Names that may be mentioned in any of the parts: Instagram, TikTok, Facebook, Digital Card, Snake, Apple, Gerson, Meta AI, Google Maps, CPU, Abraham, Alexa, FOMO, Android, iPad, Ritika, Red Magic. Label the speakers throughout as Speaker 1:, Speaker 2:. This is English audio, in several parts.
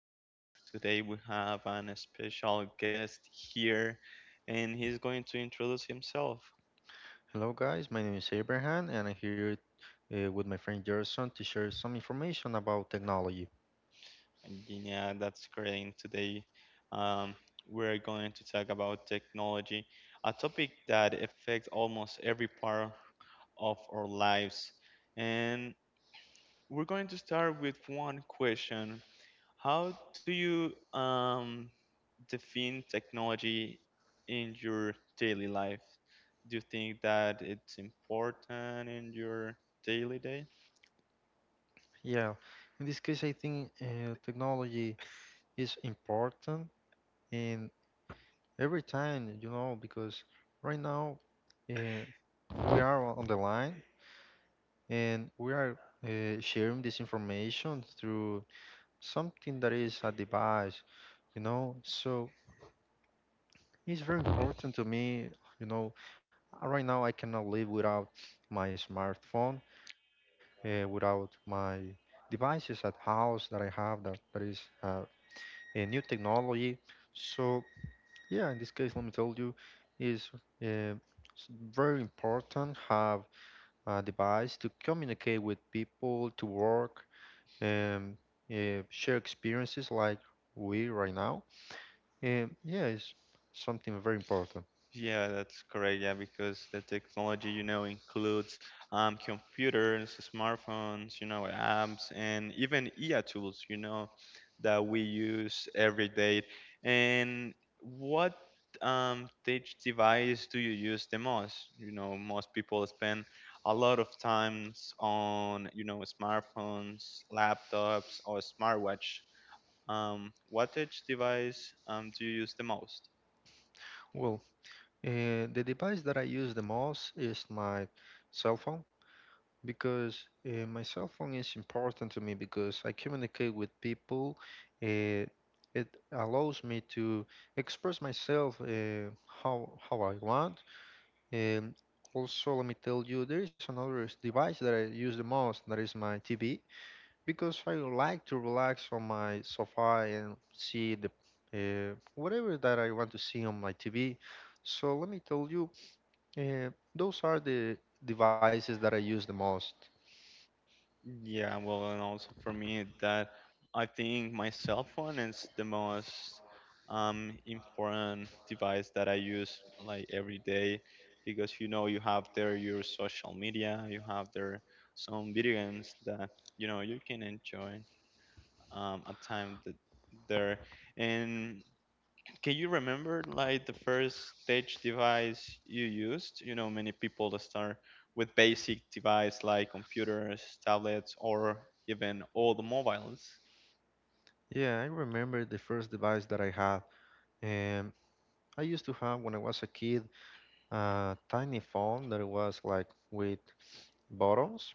Speaker 1: podcast. Today we have an special guest here and he's going to introduce himself.
Speaker 2: Hello, guys. My name is Abraham, and I'm here with my friend Gerson to share some information about technology.
Speaker 1: Yeah, that's great. And today um, we're going to talk about technology, a topic that affects almost every part of our lives. And we're going to start with one question. How do you um, define technology in your daily life? Do you think that it's important in your daily day?
Speaker 2: Yeah, in this case, I think technology is important in every time, because right now uh, we are on the line, and we are sharing this information through something that is a device, you know. So it's very important to me, you know. Right now, I cannot live without my smartphone, without my devices at house that I have, that is a new technology. So yeah, in this case, let me tell you, is uh, s- very important have a device to communicate with people, to work, and share experiences like we right now. And yeah, it's something very important.
Speaker 1: Yeah, that's correct. Yeah, because the technology, includes computers, smartphones, apps, and even IA tools, that we use every day. And what tech device do you use the most? Most people spend a lot of times on, smartphones, laptops, or smartwatch. What tech device do you use the most?
Speaker 2: Well, the device that I use the most is my cell phone, because my cell phone is important to me because I communicate with people. Uh, it allows me to express myself how I want. And also, let me tell you, there is another device that I use the most, that is my TV, because I like to relax on my sofa and see the whatever that I want to see on my TV. So let me tell you, those are the devices that I use the most.
Speaker 1: Yeah, well, and also for me, that I think my cell phone is the most important device that I use like every day because you have there your social media, you have there some video games that you can enjoy at time that there, and can you remember like the first stage device you used? Many people that start with basic device like computers, tablets, or even old mobiles.
Speaker 2: Yeah, I remember the first device that I had. Um, I used to have when I was a kid a tiny phone that was like with buttons,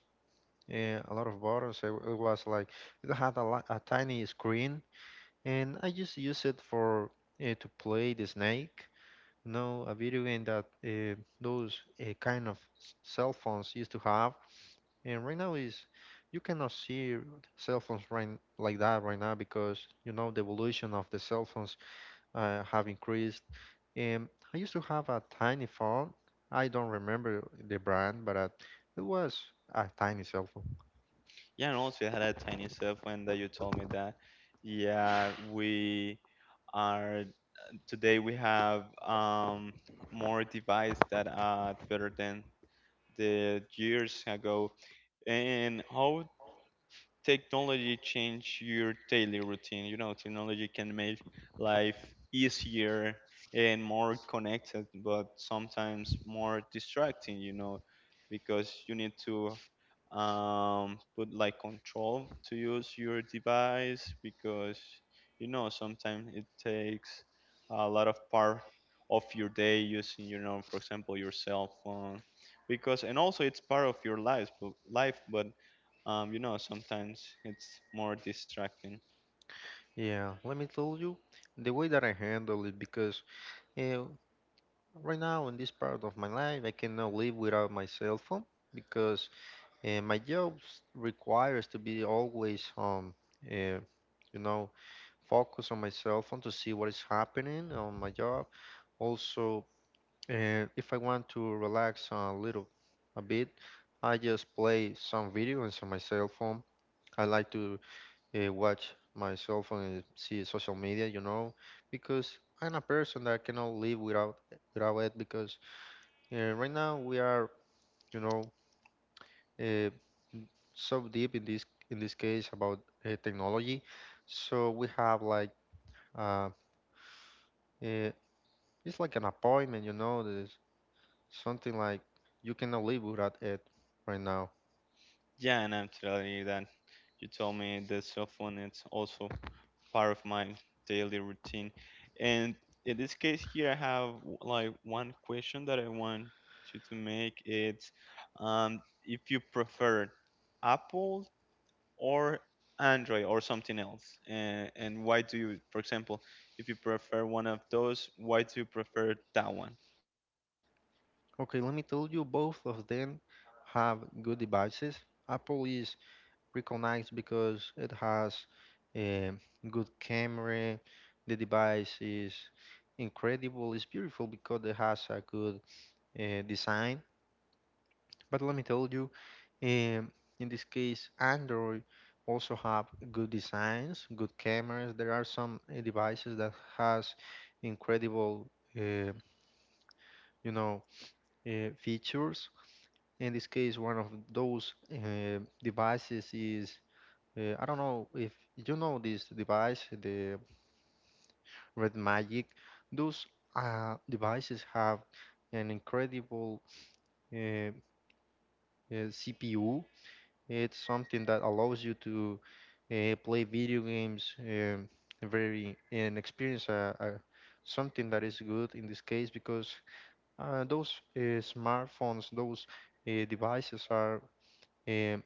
Speaker 2: and a lot of buttons. It was like it had a, a tiny screen, and I just used it for to play the Snake. No, a video game that those kind of cell phones used to have, and right now is you cannot see cell phones right like that right now, because you know the evolution of the cell phones have increased. I used to have a tiny phone. I don't remember the brand, but it was a tiny cell phone.
Speaker 1: Yeah, and also I had a tiny cell phone that you told me that. Yeah, we are today we have more device that are better than the years ago. And how technology change your daily routine? Technology can make life easier and more connected, but sometimes more distracting, because you need to put like control to use your device, because sometimes it takes a lot of part of your day using, for example, your cell phone, because and also it's part of your life, but sometimes it's more distracting.
Speaker 2: Yeah, let me tell you the way that I handle it, because uh, right now in this part of my life I cannot live without my cell phone, because my job requires to be always uh, you know focus on my cell phone to see what is happening on my job. Also, if I want to relax a little a bit, I just play some videos on my cell phone. I like to watch my cell phone and see social media, you know, because I'm a person that cannot live without it. Because right now we are, you know, uh, so deep in this case about technology. So we have like uh, uh, it's like an appointment, you know, there's something like you cannot live without it right now.
Speaker 1: Yeah, and I'm telling you that you told me the cell phone is also part of my daily routine. And in this case here, I have like one question that I want you to make. It's if you prefer Apple or Android or something else, and why do you, for example, if you prefer one of those, why do you prefer that one?
Speaker 2: Okay, let me tell you, both of them have good devices. Apple is recognized because it has a good camera. The device is incredible. It's beautiful because it has a good design. But let me tell you, um, in this case, Android also have good designs, good cameras. There are some devices that has incredible, uh, you know, features. In this case, one of those devices is, I don't know if you know this device, the Red Magic. Those devices have an incredible uh, CPU. It's something that allows you to play video games, very, and experience something that is good in this case, because those smartphones, those devices are, um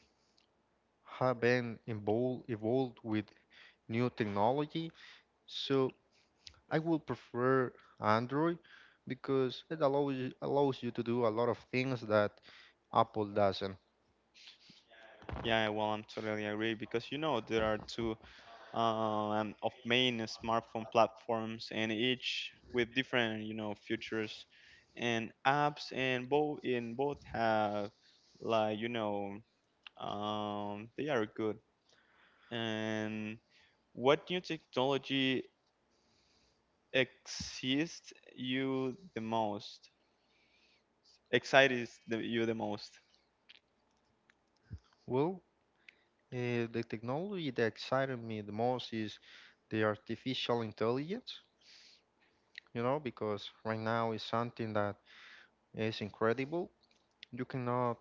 Speaker 2: have been evolved with new technology. So I would prefer Android because it allows you to do a lot of things that Apple doesn't.
Speaker 1: Yeah, well, I'm totally agree because there are two of main smartphone platforms and each with different, features and apps, and both in both have like, they are good. And what new technology excites you the most excites the, you the most
Speaker 2: Well, the technology that excited me the most is the artificial intelligence, you know, because right now is something that is incredible. You cannot,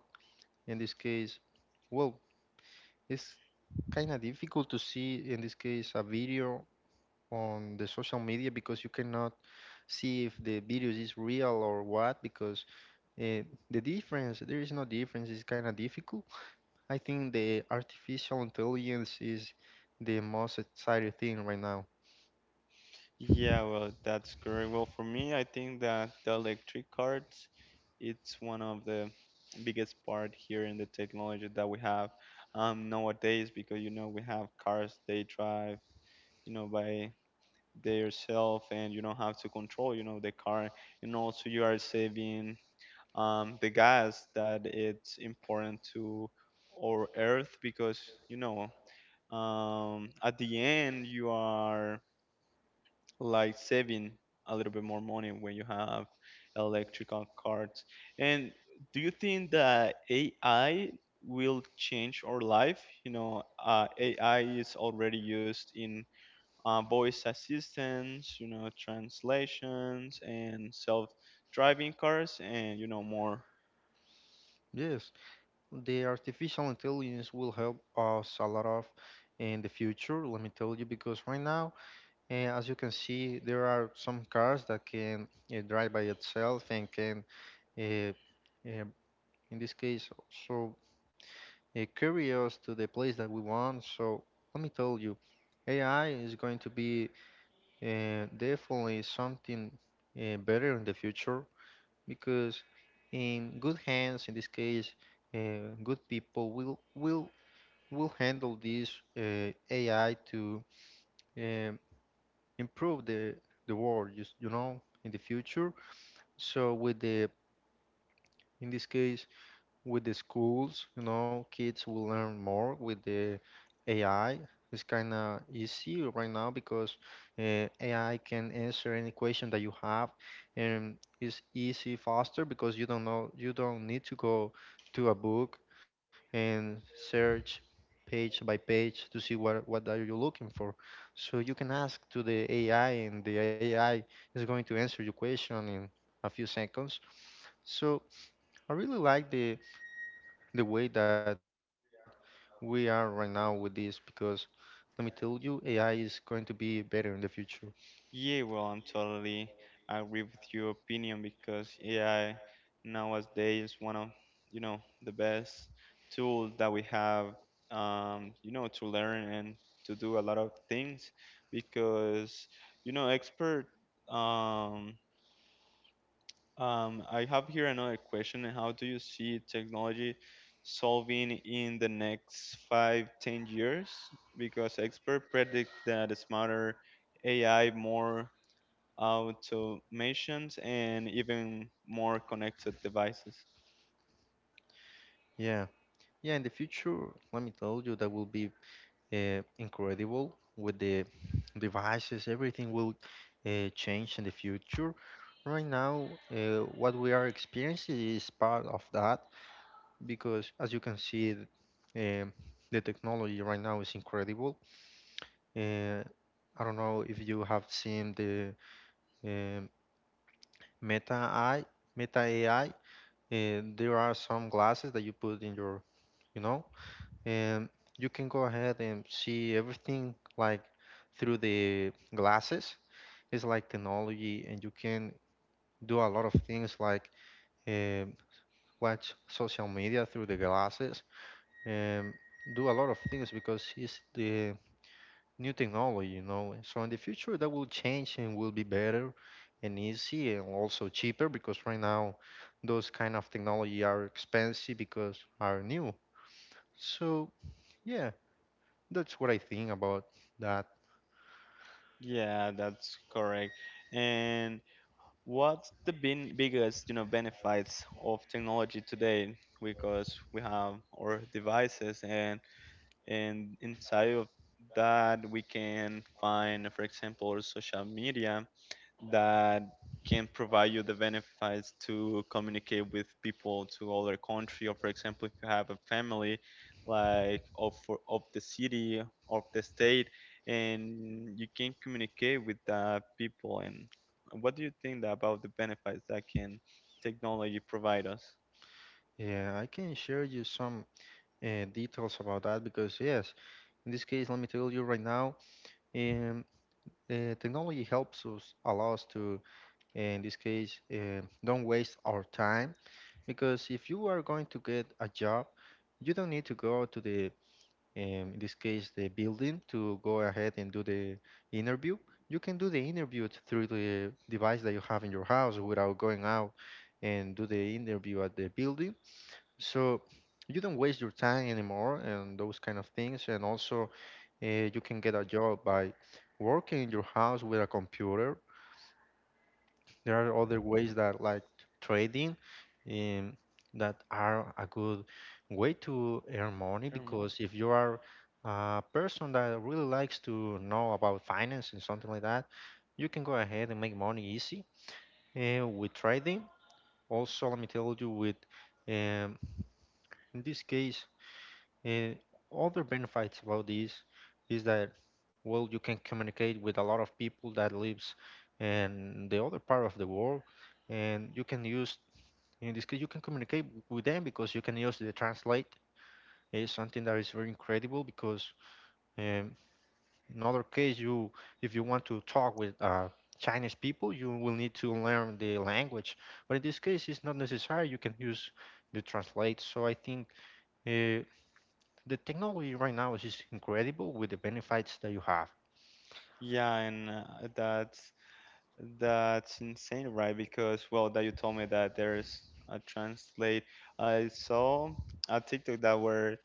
Speaker 2: in this case, well, it's kind of difficult to see in this case a video on the social media, because you cannot see if the videos is real or what, because uh, the difference, there is no difference, it's kind of difficult. I think the artificial intelligence is the most exciting thing right now.
Speaker 1: Yeah, well, that's great. Well, for me, I think that the electric cars, it's one of the biggest part here in the technology that we have nowadays, because we have cars they drive, by theirself and you don't have to control, the car, and also you are saving the gas that it's important to our earth, because you know at the end you are like saving a little bit more money when you have electrical cars. And do you think that AI will change our life? AI is already used in voice assistants, translations and self-driving cars, and more.
Speaker 2: Yes, the artificial intelligence will help us a lot of in the future. Let me tell you, because right now as you can see, there are some cars that can drive by itself, and can uh, uh, in this case also carry us to the place that we want. So let me tell you, AI is going to be definitely something better in the future, because in good hands, in this case, good people will handle this AI to um improve the world, just, you know, in the future. So with the in this case with the schools, you know, kids will learn more with the AI. It's kind of easy right now because uh, AI can answer any question that you have, and it's easy, faster, because you don't know, you don't need to go to a book and search page by page to see what are you looking for. So you can ask to the AI, and the AI is going to answer your question in a few seconds. So I really like the way that we are right now with this, because let me tell you, AI is going to be better in the future.
Speaker 1: Yeah, well, I'm totally agree with your opinion because AI nowadays one of the best tools that we have, to learn and to do a lot of things, because expert. Um, I have here another question. How do you see technology solving in the next five, 10 years? Because expert predict that smarter AI, more automations, and even more connected devices.
Speaker 2: Yeah. Yeah, in the future, let me tell you, that will be incredible with the devices, everything will change in the future. Right now, what we are experiencing is part of that because, as you can see, um the technology right now is incredible. Uh, I don't know if you have seen the um, Meta AI, Meta AI, and there are some glasses that you put in your, you know, and you can go ahead and see everything like through the glasses. It's like technology, and you can do a lot of things like um watch social media through the glasses and do a lot of things, because it's the new technology, you know. So in the future, that will change and will be better and easy and also cheaper, because right now, those kind of technology are expensive because are new. So yeah, that's what I think about that.
Speaker 1: Yeah, that's correct. And what's the bin biggest, benefits of technology today? Because we have our devices, and inside of that we can find, for example, social media that can provide you the benefits to communicate with people to other country, or for example, if you have a family like of of the city of the state, and you can communicate with the people. And what do you think about the benefits that can technology provide us,
Speaker 2: Yeah, I can share you some details about that, because yes, in this case, let me tell you right now, um, technology helps us allow us to, in this case, don't waste our time. Because if you are going to get a job, you don't need to go to the, in this case, the building to go ahead and do the interview. You can do the interview through the device that you have in your house without going out and do the interview at the building. So you don't waste your time anymore and those kind of things. And also, you can get a job by working in your house with a computer. There are other ways that like trading, um, that are a good way to earn money,
Speaker 1: Hermos?
Speaker 2: because if you are a person that really likes to know about finance and something like that, you can go ahead and make money easy with trading. Also, let me tell you with um, in this case, uh, other benefits about this is that well, you can communicate with a lot of people that lives in the other part of the world, and you can use in this case, you can communicate with them because you can use the translate. It's something that is very incredible, because um, in other case, you if you want to talk with Chinese people, you will need to learn the language. But in this case, it's not necessary. You can use the translate. So I think uh, the technology right now is just incredible with the benefits that you have.
Speaker 1: Yeah, and that's that's insane, right? Because, well, that you told me that there's a translate. I saw a TikTok that where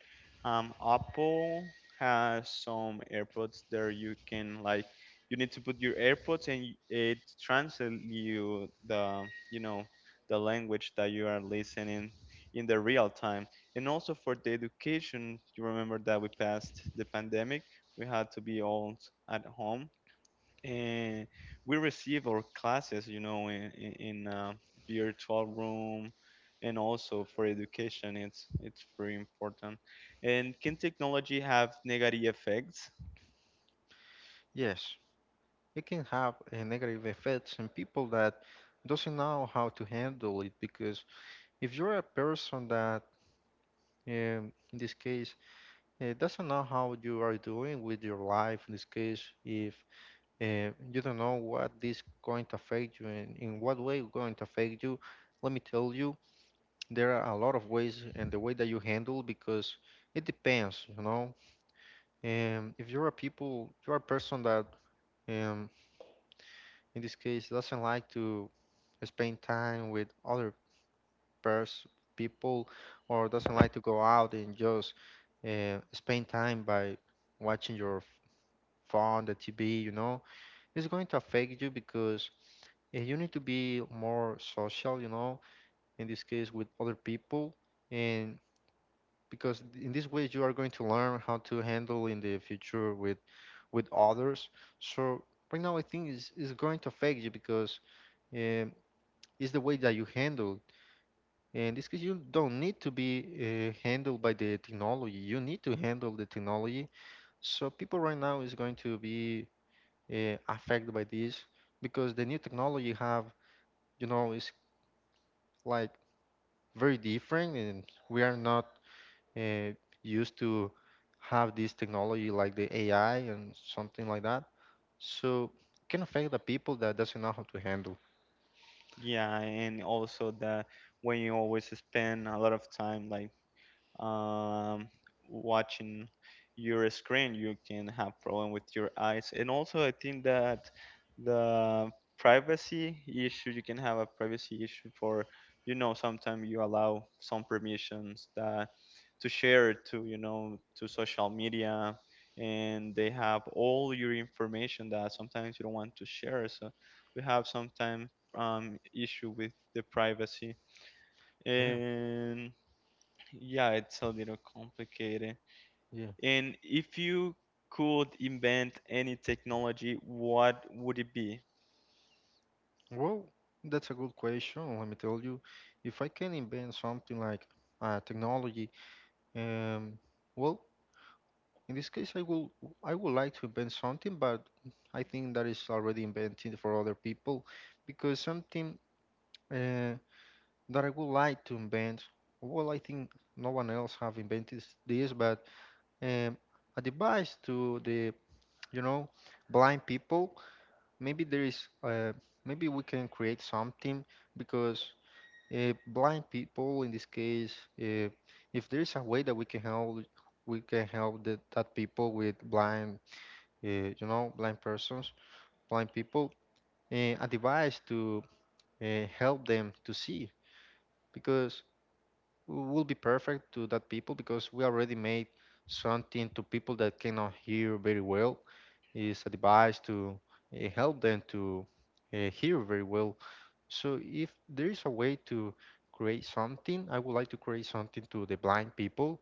Speaker 1: Apple has some AirPods there, you can like you need to put your AirPods and it translate you the you know the language that you are listening in the real time. And also for the education, you remember that we passed the pandemic, we had to be all at home and we receive our classes, in in virtual room, and also for education, it's very important. And can technology have negative effects?
Speaker 2: Yes, it can have negative effects in people that doesn't know how to handle it, because if you're a person that in this case, it doesn't know how you are doing with your life. In this case, if you don't know what this going to affect you and in what way it's going to affect you, let me tell you, there are a lot of ways and the way that you handle, because it depends, you know. If you're a people, you're a person that, um, in this case, doesn't like to spend time with other pers- people, or doesn't like to go out and just spend time by watching your phone, the TV, you know, it's going to affect you, because you need to be more social, you know, in this case with other people. And because in this way you are going to learn how to handle in the future with others. So right now I think it's going to affect you because um, it's the way that you handle. And this case, you don't need to be handled by the technology. You need to handle the technology. So people right now is going to be affected by this because the new technology you have, you know, is like very different, and we are not uh, used to have this technology like the AI and something like that. So it can affect the people that doesn't know how to handle.
Speaker 1: Yeah, and also that when you always spend a lot of time like um, watching your screen, you can have problem with your eyes. And also, I think that the privacy issue, you can have a privacy issue, for sometimes you allow some permissions that to share to you know to social media, and they have all your information that sometimes you don't want to share, so we have sometimes issue with the privacy,
Speaker 2: Yeah,
Speaker 1: and yeah, it's a little complicated.
Speaker 2: yeah.
Speaker 1: And if you could invent any technology, what would it be?
Speaker 2: Well, that's a good question. Let me tell you, if I can invent something like technology, um, well, in this case, I would like to invent something, but I think that is already invented for other people, because something uh, that I would like to invent, well, I think no one else have invented this, but um, a device to the you know blind people. Maybe there is maybe we can create something because blind people in this case uh, if there is a way that we can help that people with blind you know blind persons blind people a device to help them to see because it will be perfect to that people because we already made something to people that cannot hear very well is a device to help them to hear very well. So if there is a way to create something, I would like to create something to the blind people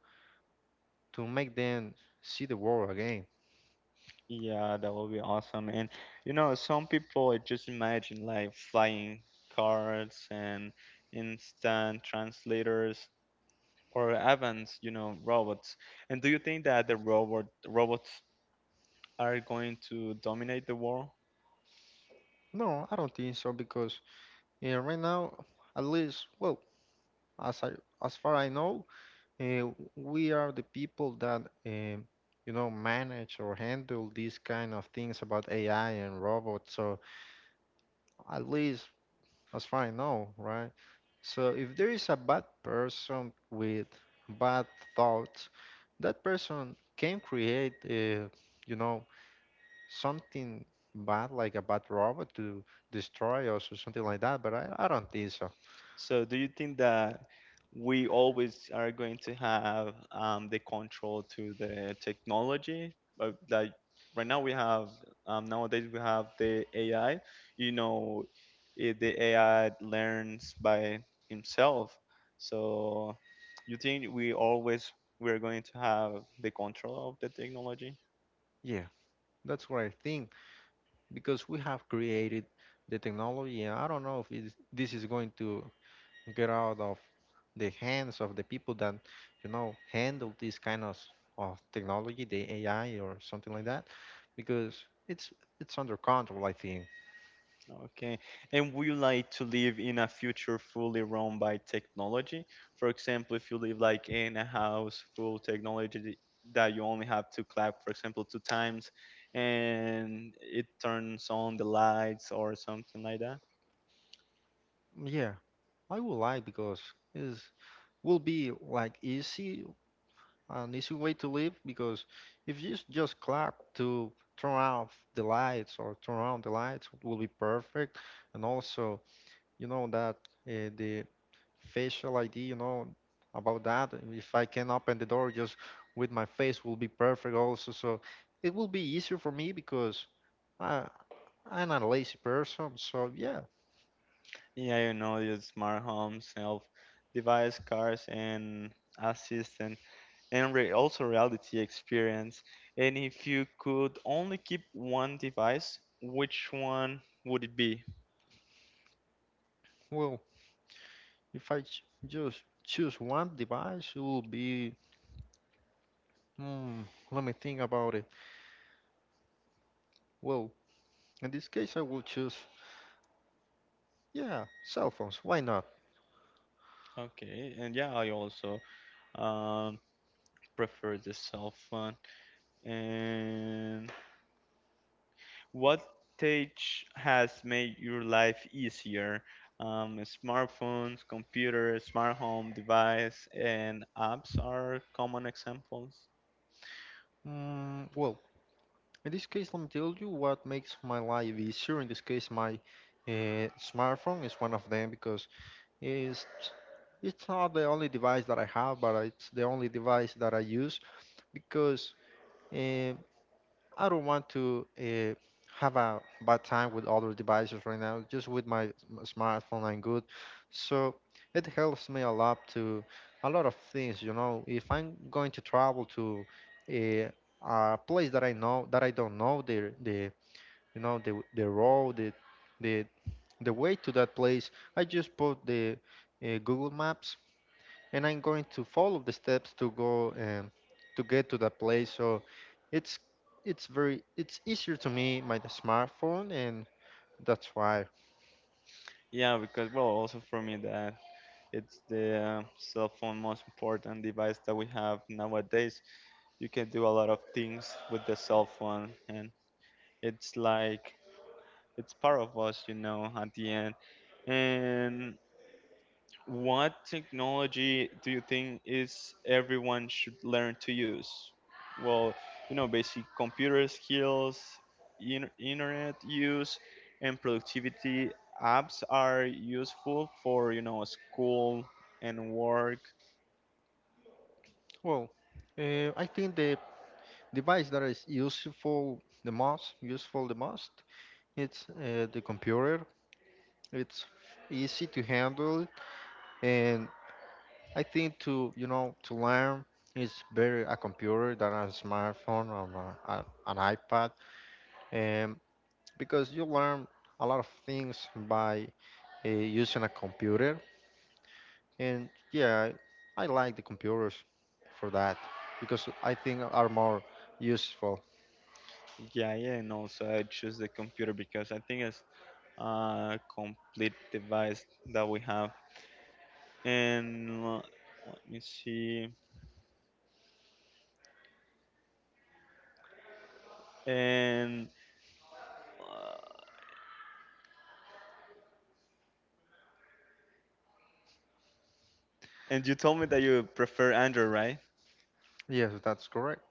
Speaker 2: to make them see the world again.
Speaker 1: Yeah, that would be awesome. And some people just imagine like flying cars and instant translators or advanced, robots. And do you think that the robots are going to dominate the world?
Speaker 2: No, I don't think so because right now, at least, well, as I as far I know, uh, we are the people that you know manage or handle these kind of things about AI and robots. So at least as far I know, right? So if there is a bad person with bad thoughts, that person can create, you know, something bad, like a bad robot to destroy us or something like that. But I don't think so.
Speaker 1: So, do you think that we always are going to have the control to the technology? But like right now, we have nowadays we have the AI. You know, the AI learns by himself. So, you think we always we are going to have the control of the technology?
Speaker 2: Yeah, that's what I think because we have created the technology, and I don't know if this is going to get out of the hands of the people that you know handle this kind of technology the ai or something like that because it's under control I think.
Speaker 1: Okay. And would you like to live in a future fully run by technology? For example, if you live like in a house full technology that you only have to clap, for example, two times and it turns on the lights or something like that.
Speaker 2: Yeah, I would like because is will be like easy an easy way to live because if you just clap to turn off the lights or turn on the lights will be perfect and also you know that the facial ID, you know, about that. If I can open the door just with my face will be perfect also. So it will be easier for me because I I'm not a lazy person. So yeah,
Speaker 1: Yeah, your smart home, self device, cars, and assistant, and also reality experience. And if you could only keep one device, which one would it be?
Speaker 2: well, if I just choose one device, it will be. Hmm, let me think about it. Well, in this case, I will choose yeah, cell phones. Why not?
Speaker 1: Okay, and yeah, I also um, prefer the cell phone. And what tech has made your life easier? Smartphones, computers, smart home device, and apps are common examples.
Speaker 2: Well, in this case, let me tell you what makes my life easier. In this case, my smartphone is one of them because it's it's not the only device that I have, but it's the only device that I use because eh, I don't want to have a bad time with other devices right now. Just with my smartphone, I'm good. So it helps me a lot to a lot of things. You know, if I'm going to travel to a, a place that I know that I don't know the you know the road the the way to that place, I just put the Google Maps and I'm going to follow the steps to go to get to that place. So it's it's very it's easier to me my smartphone, and that's why.
Speaker 1: Yeah, because well, also for me, that it's the cell phone most important device that we have nowadays. You can do a lot of things with the cell phone, and it's like it's part of us, at the end. And what technology do you think is everyone should learn to use? Well, basic computer skills, internet use, and productivity apps are useful for school and work.
Speaker 2: Well, I think the device that is useful the most it's the computer. It's easy to handle it, and I think to you know to learn is better a computer than a smartphone or an iPad. Um, because you learn a lot of things by using a computer. And yeah, I like the computers for that because I think are more useful.
Speaker 1: Yeah, yeah, and also I choose the computer because I think it's a complete device that we have. And let me see, and uh, and you told me that you prefer Android, right?
Speaker 2: Yes, that's correct.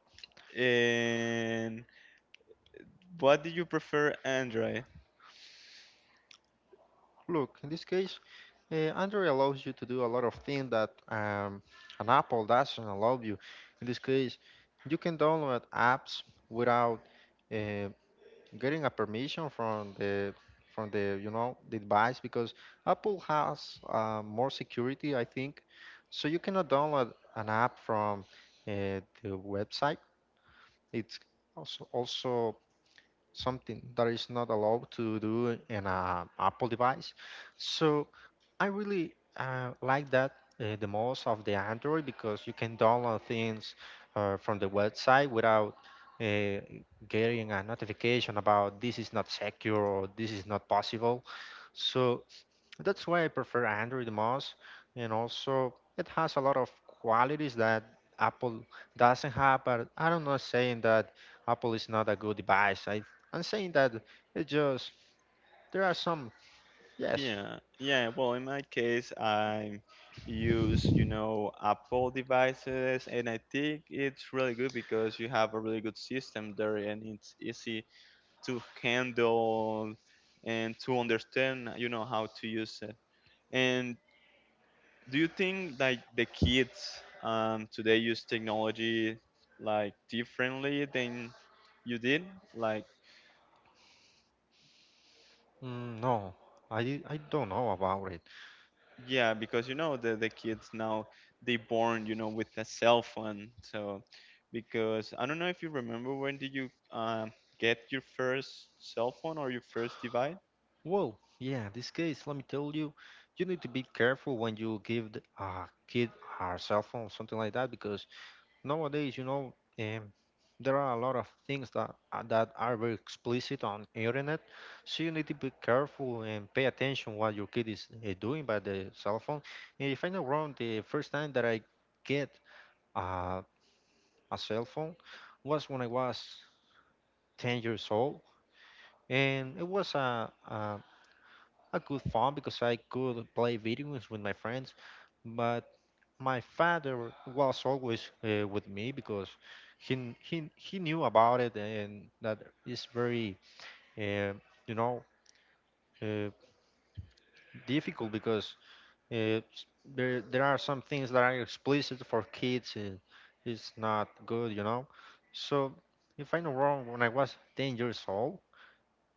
Speaker 1: And what do you prefer Android?
Speaker 2: Look, in this case, Android allows you to do a lot of things that an Apple doesn't allow you. In this case, you can download apps without uh, getting a permission from the you know the device because Apple has more security, I think. So you cannot download an app from the website. It's also something that is not allowed to do in a Apple device. So I really like that the most of the Android because you can download things from the website without uh, getting a notification about this is not secure or this is not possible. So that's why I prefer Android the most. And also, it has a lot of qualities that Apple doesn't have. But I don't know saying that Apple is not a good device. I'm saying that it just there are some yes.
Speaker 1: Yeah, yeah. Well, in my case, I use Apple devices, and I think it's really good because you have a really good system there, and it's easy to handle and to understand how to use it. And do you think like the kids today use technology like differently than you did, like,
Speaker 2: No, I don't know about it.
Speaker 1: yeah, because the kids now they born with a cell phone. So because I don't know if you remember, when did you get your first cell phone or your first device?
Speaker 2: Well, yeah, this case, let me tell you, you need to be careful when you give a kid a cell phone, something like that, because nowadays, you know, um, there are a lot of things that that are very explicit on internet, so you need to be careful and pay attention what your kid is doing by the cell phone. And if I'm not wrong, the first time that I get uh, a cell phone was when I was 10 years old and it was a good fun because I could play video games with my friends. But my father was always with me because he knew about it and that is very uh, you know uh, difficult because there are some things that are explicit for kids and it's not good, you know. So if I'm not wrong, when I was 10 years old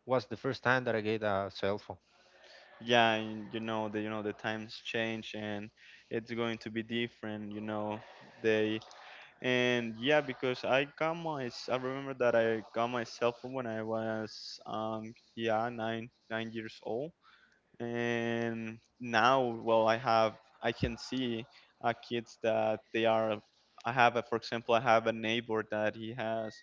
Speaker 2: was the first time that I get a cellphone.
Speaker 1: Yeah, and you know the the times change and it's going to be different, they. And yeah, because I got I remember that I got my cell phone when I was nine nine years old, and now well I can see kids that they are I have a, for example, I have a neighbor that he has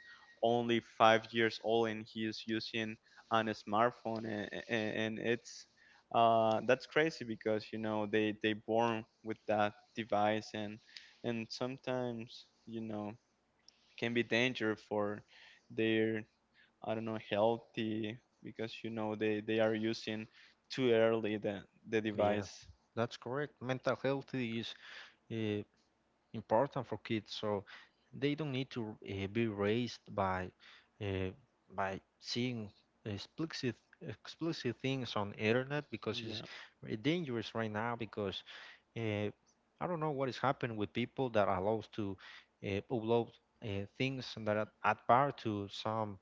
Speaker 1: only 5 years old and he is using an smartphone, and it's that's crazy, because they born with that device, and sometimes, can be danger for their, I don't know, healthy, because they are using too early the
Speaker 2: Yeah,
Speaker 1: device.
Speaker 2: that's correct. Mental health is uh, important for kids, so they don't need to be raised by uh, by seeing explicit explicit things on internet because it's
Speaker 1: Yeah,
Speaker 2: very dangerous right now. Because uh, I don't know what is happening with people that allows to upload things that are at par to some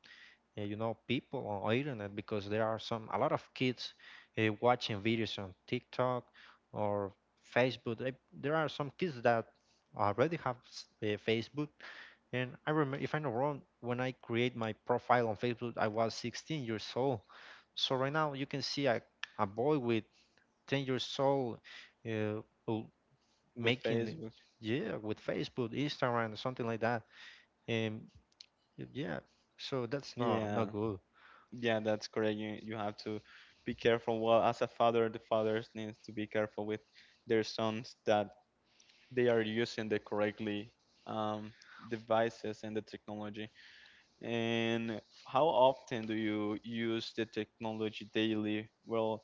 Speaker 2: you know people on internet because there are some a lot of kids watching videos on TikTok or Facebook. There are some kids that already have Facebook, and I remember if I'm not wrong, when I create my profile on Facebook, I was 16 years old. So right now you can see a boy with 10 years old uh, who
Speaker 1: with
Speaker 2: making
Speaker 1: Facebook.
Speaker 2: yeah with Facebook, Instagram, something like that. And yeah, so that's
Speaker 1: Yeah,
Speaker 2: not good.
Speaker 1: yeah, that's correct. You have to be careful. Well, as a father, the fathers needs to be careful with their sons that they are using the correctly um, devices and the technology. And how often do you use the technology daily? Well,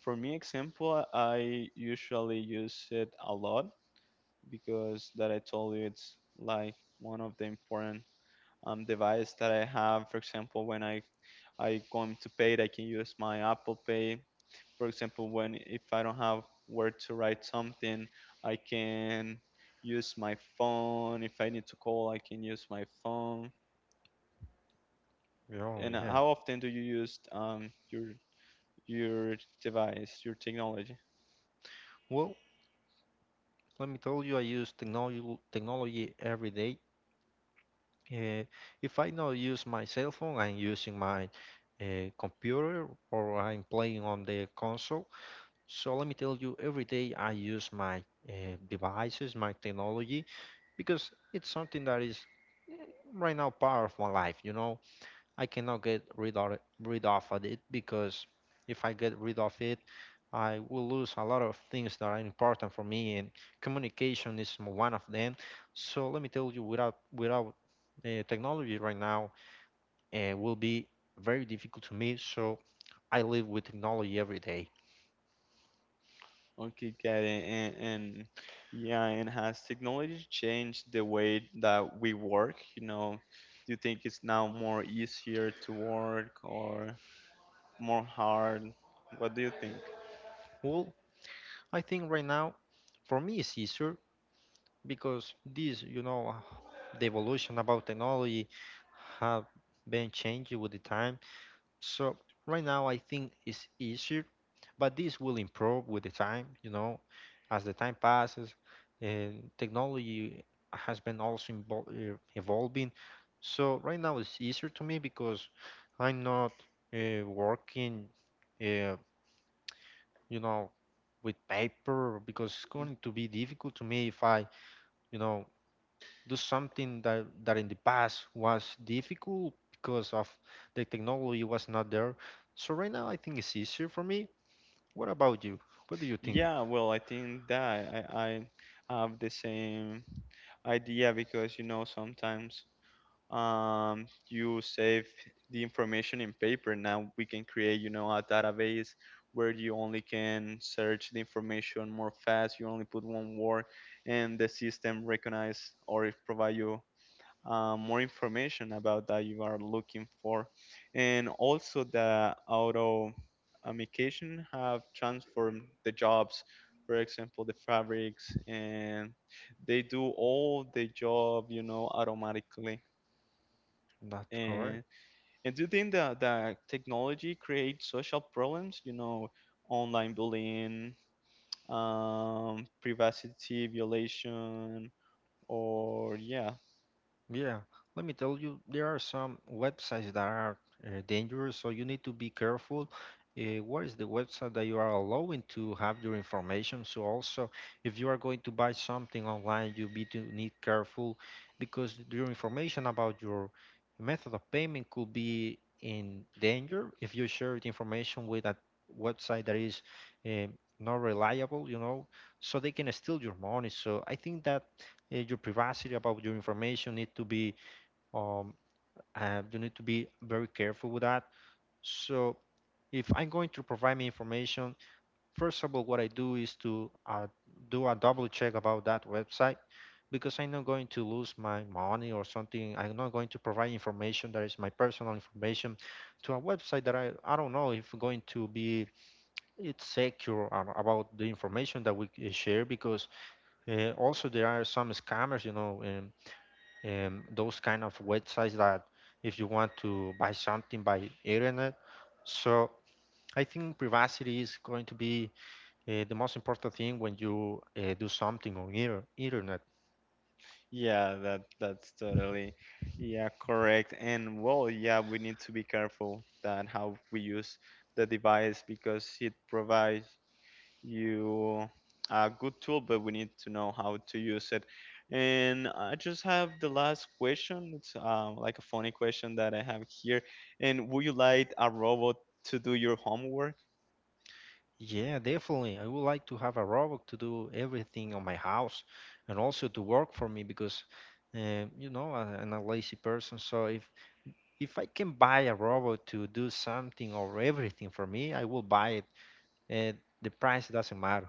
Speaker 1: for me example, I usually use it a lot, because that I told you it's like one of the important device that I have. For example, when I going to pay, it, I can use my Apple Pay. For example, when if I don't have where to write something, I can use my phone. If I need to call, I can use my phone.
Speaker 2: Yeah,
Speaker 1: And
Speaker 2: yeah.
Speaker 1: how often do you use your device, your technology
Speaker 2: Well, let me tell you, I use technology every day. Uh, if I not use my cell phone, I'm using my computer or I'm playing on the console. So let me tell you, every day I use my devices, my technology, because it's something that is eh, right now part of my life. You know, I cannot get rid of it because if I get rid of it, I will lose a lot of things that are important for me, and communication is one of them. So let me tell you, without technology right now, it will be very difficult to me. So I live with technology every day.
Speaker 1: on KitKat? And, yeah, and has technology changed the way that we work? Do you think it's now more easier to work or more hard? What do you think?
Speaker 2: Well, I think right now, for me, it's easier because this, you know, the evolution about technology have been changing with the time. So right now I think it's easier, but this will improve with the time, you know, as the time passes and technology has been also invol evolving. So right now it's easier to me because I'm not working, uh, you know, with paper because it's going to be difficult to me if I, you know, do something that in the past was difficult because of the technology was not there. So right now I think it's easier for me. What about you? What do you think?
Speaker 1: Yeah, well, I think that I have the same idea, because sometimes you save the information in paper. Now we can create, a database where you only can search the information more fast. You only put one word, and the system recognize or provide you more information about that you are looking for. And also the automation have transformed the jobs. For example, the fabrics and they do all the job, automatically.
Speaker 2: That's correct.
Speaker 1: And and do you think that technology creates social problems? Online bullying, privacy violation, or yeah,
Speaker 2: Yeah, let me tell you, there are some websites that are dangerous, so you need to be careful. What is the website that you are allowing to have your information? So also, if you are going to buy something online, you be to need careful because your information about your method of payment could be in danger if you share the information with a website that is not reliable, you know, so they can steal your money. So I think that your privacy, about your information need to be um, you need to be very careful with that. So if I'm going to provide me information, first of all, what I do is to do a double check about that website because I'm not going to lose my money or something. I'm not going to provide information that is my personal information to a website that I don't know if going to be it's secure about the information that we share because also there are some scammers, you know, those kind of websites that if you want to buy something by internet. So I think privacy is going to be the most important thing when you do something on internet.
Speaker 1: yeah, that's totally, yeah, correct. And well, yeah, we need to be careful that how we use the device, because it provides you a good tool, but we need to know how to use it. And I just have the last question. It's like a funny question that I have here. And would you like a robot to do your homework?
Speaker 2: Yeah, definitely. I would like to have a robot to do everything on my house and also to work for me because, you know, I'm a lazy person. So if I can buy a robot to do something or everything for me, I will buy it. Uh, the price doesn't matter.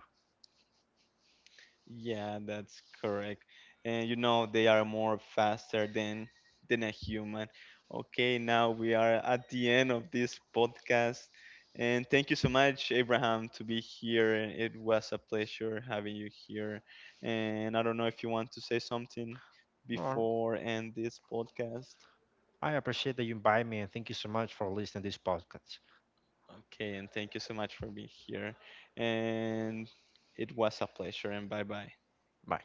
Speaker 1: Yeah, that's correct. And they are more faster than a human. Okay, now we are at the end of this podcast. And thank you so much, Abraham, to be here. It was a pleasure having you here. And I don't know if you want to say something
Speaker 2: No,
Speaker 1: before end this podcast.
Speaker 2: I appreciate that you invite me and thank you so much for listening to this podcast.
Speaker 1: Okay, and thank you so much for being here. And it was a pleasure, and bye bye.
Speaker 2: Bye.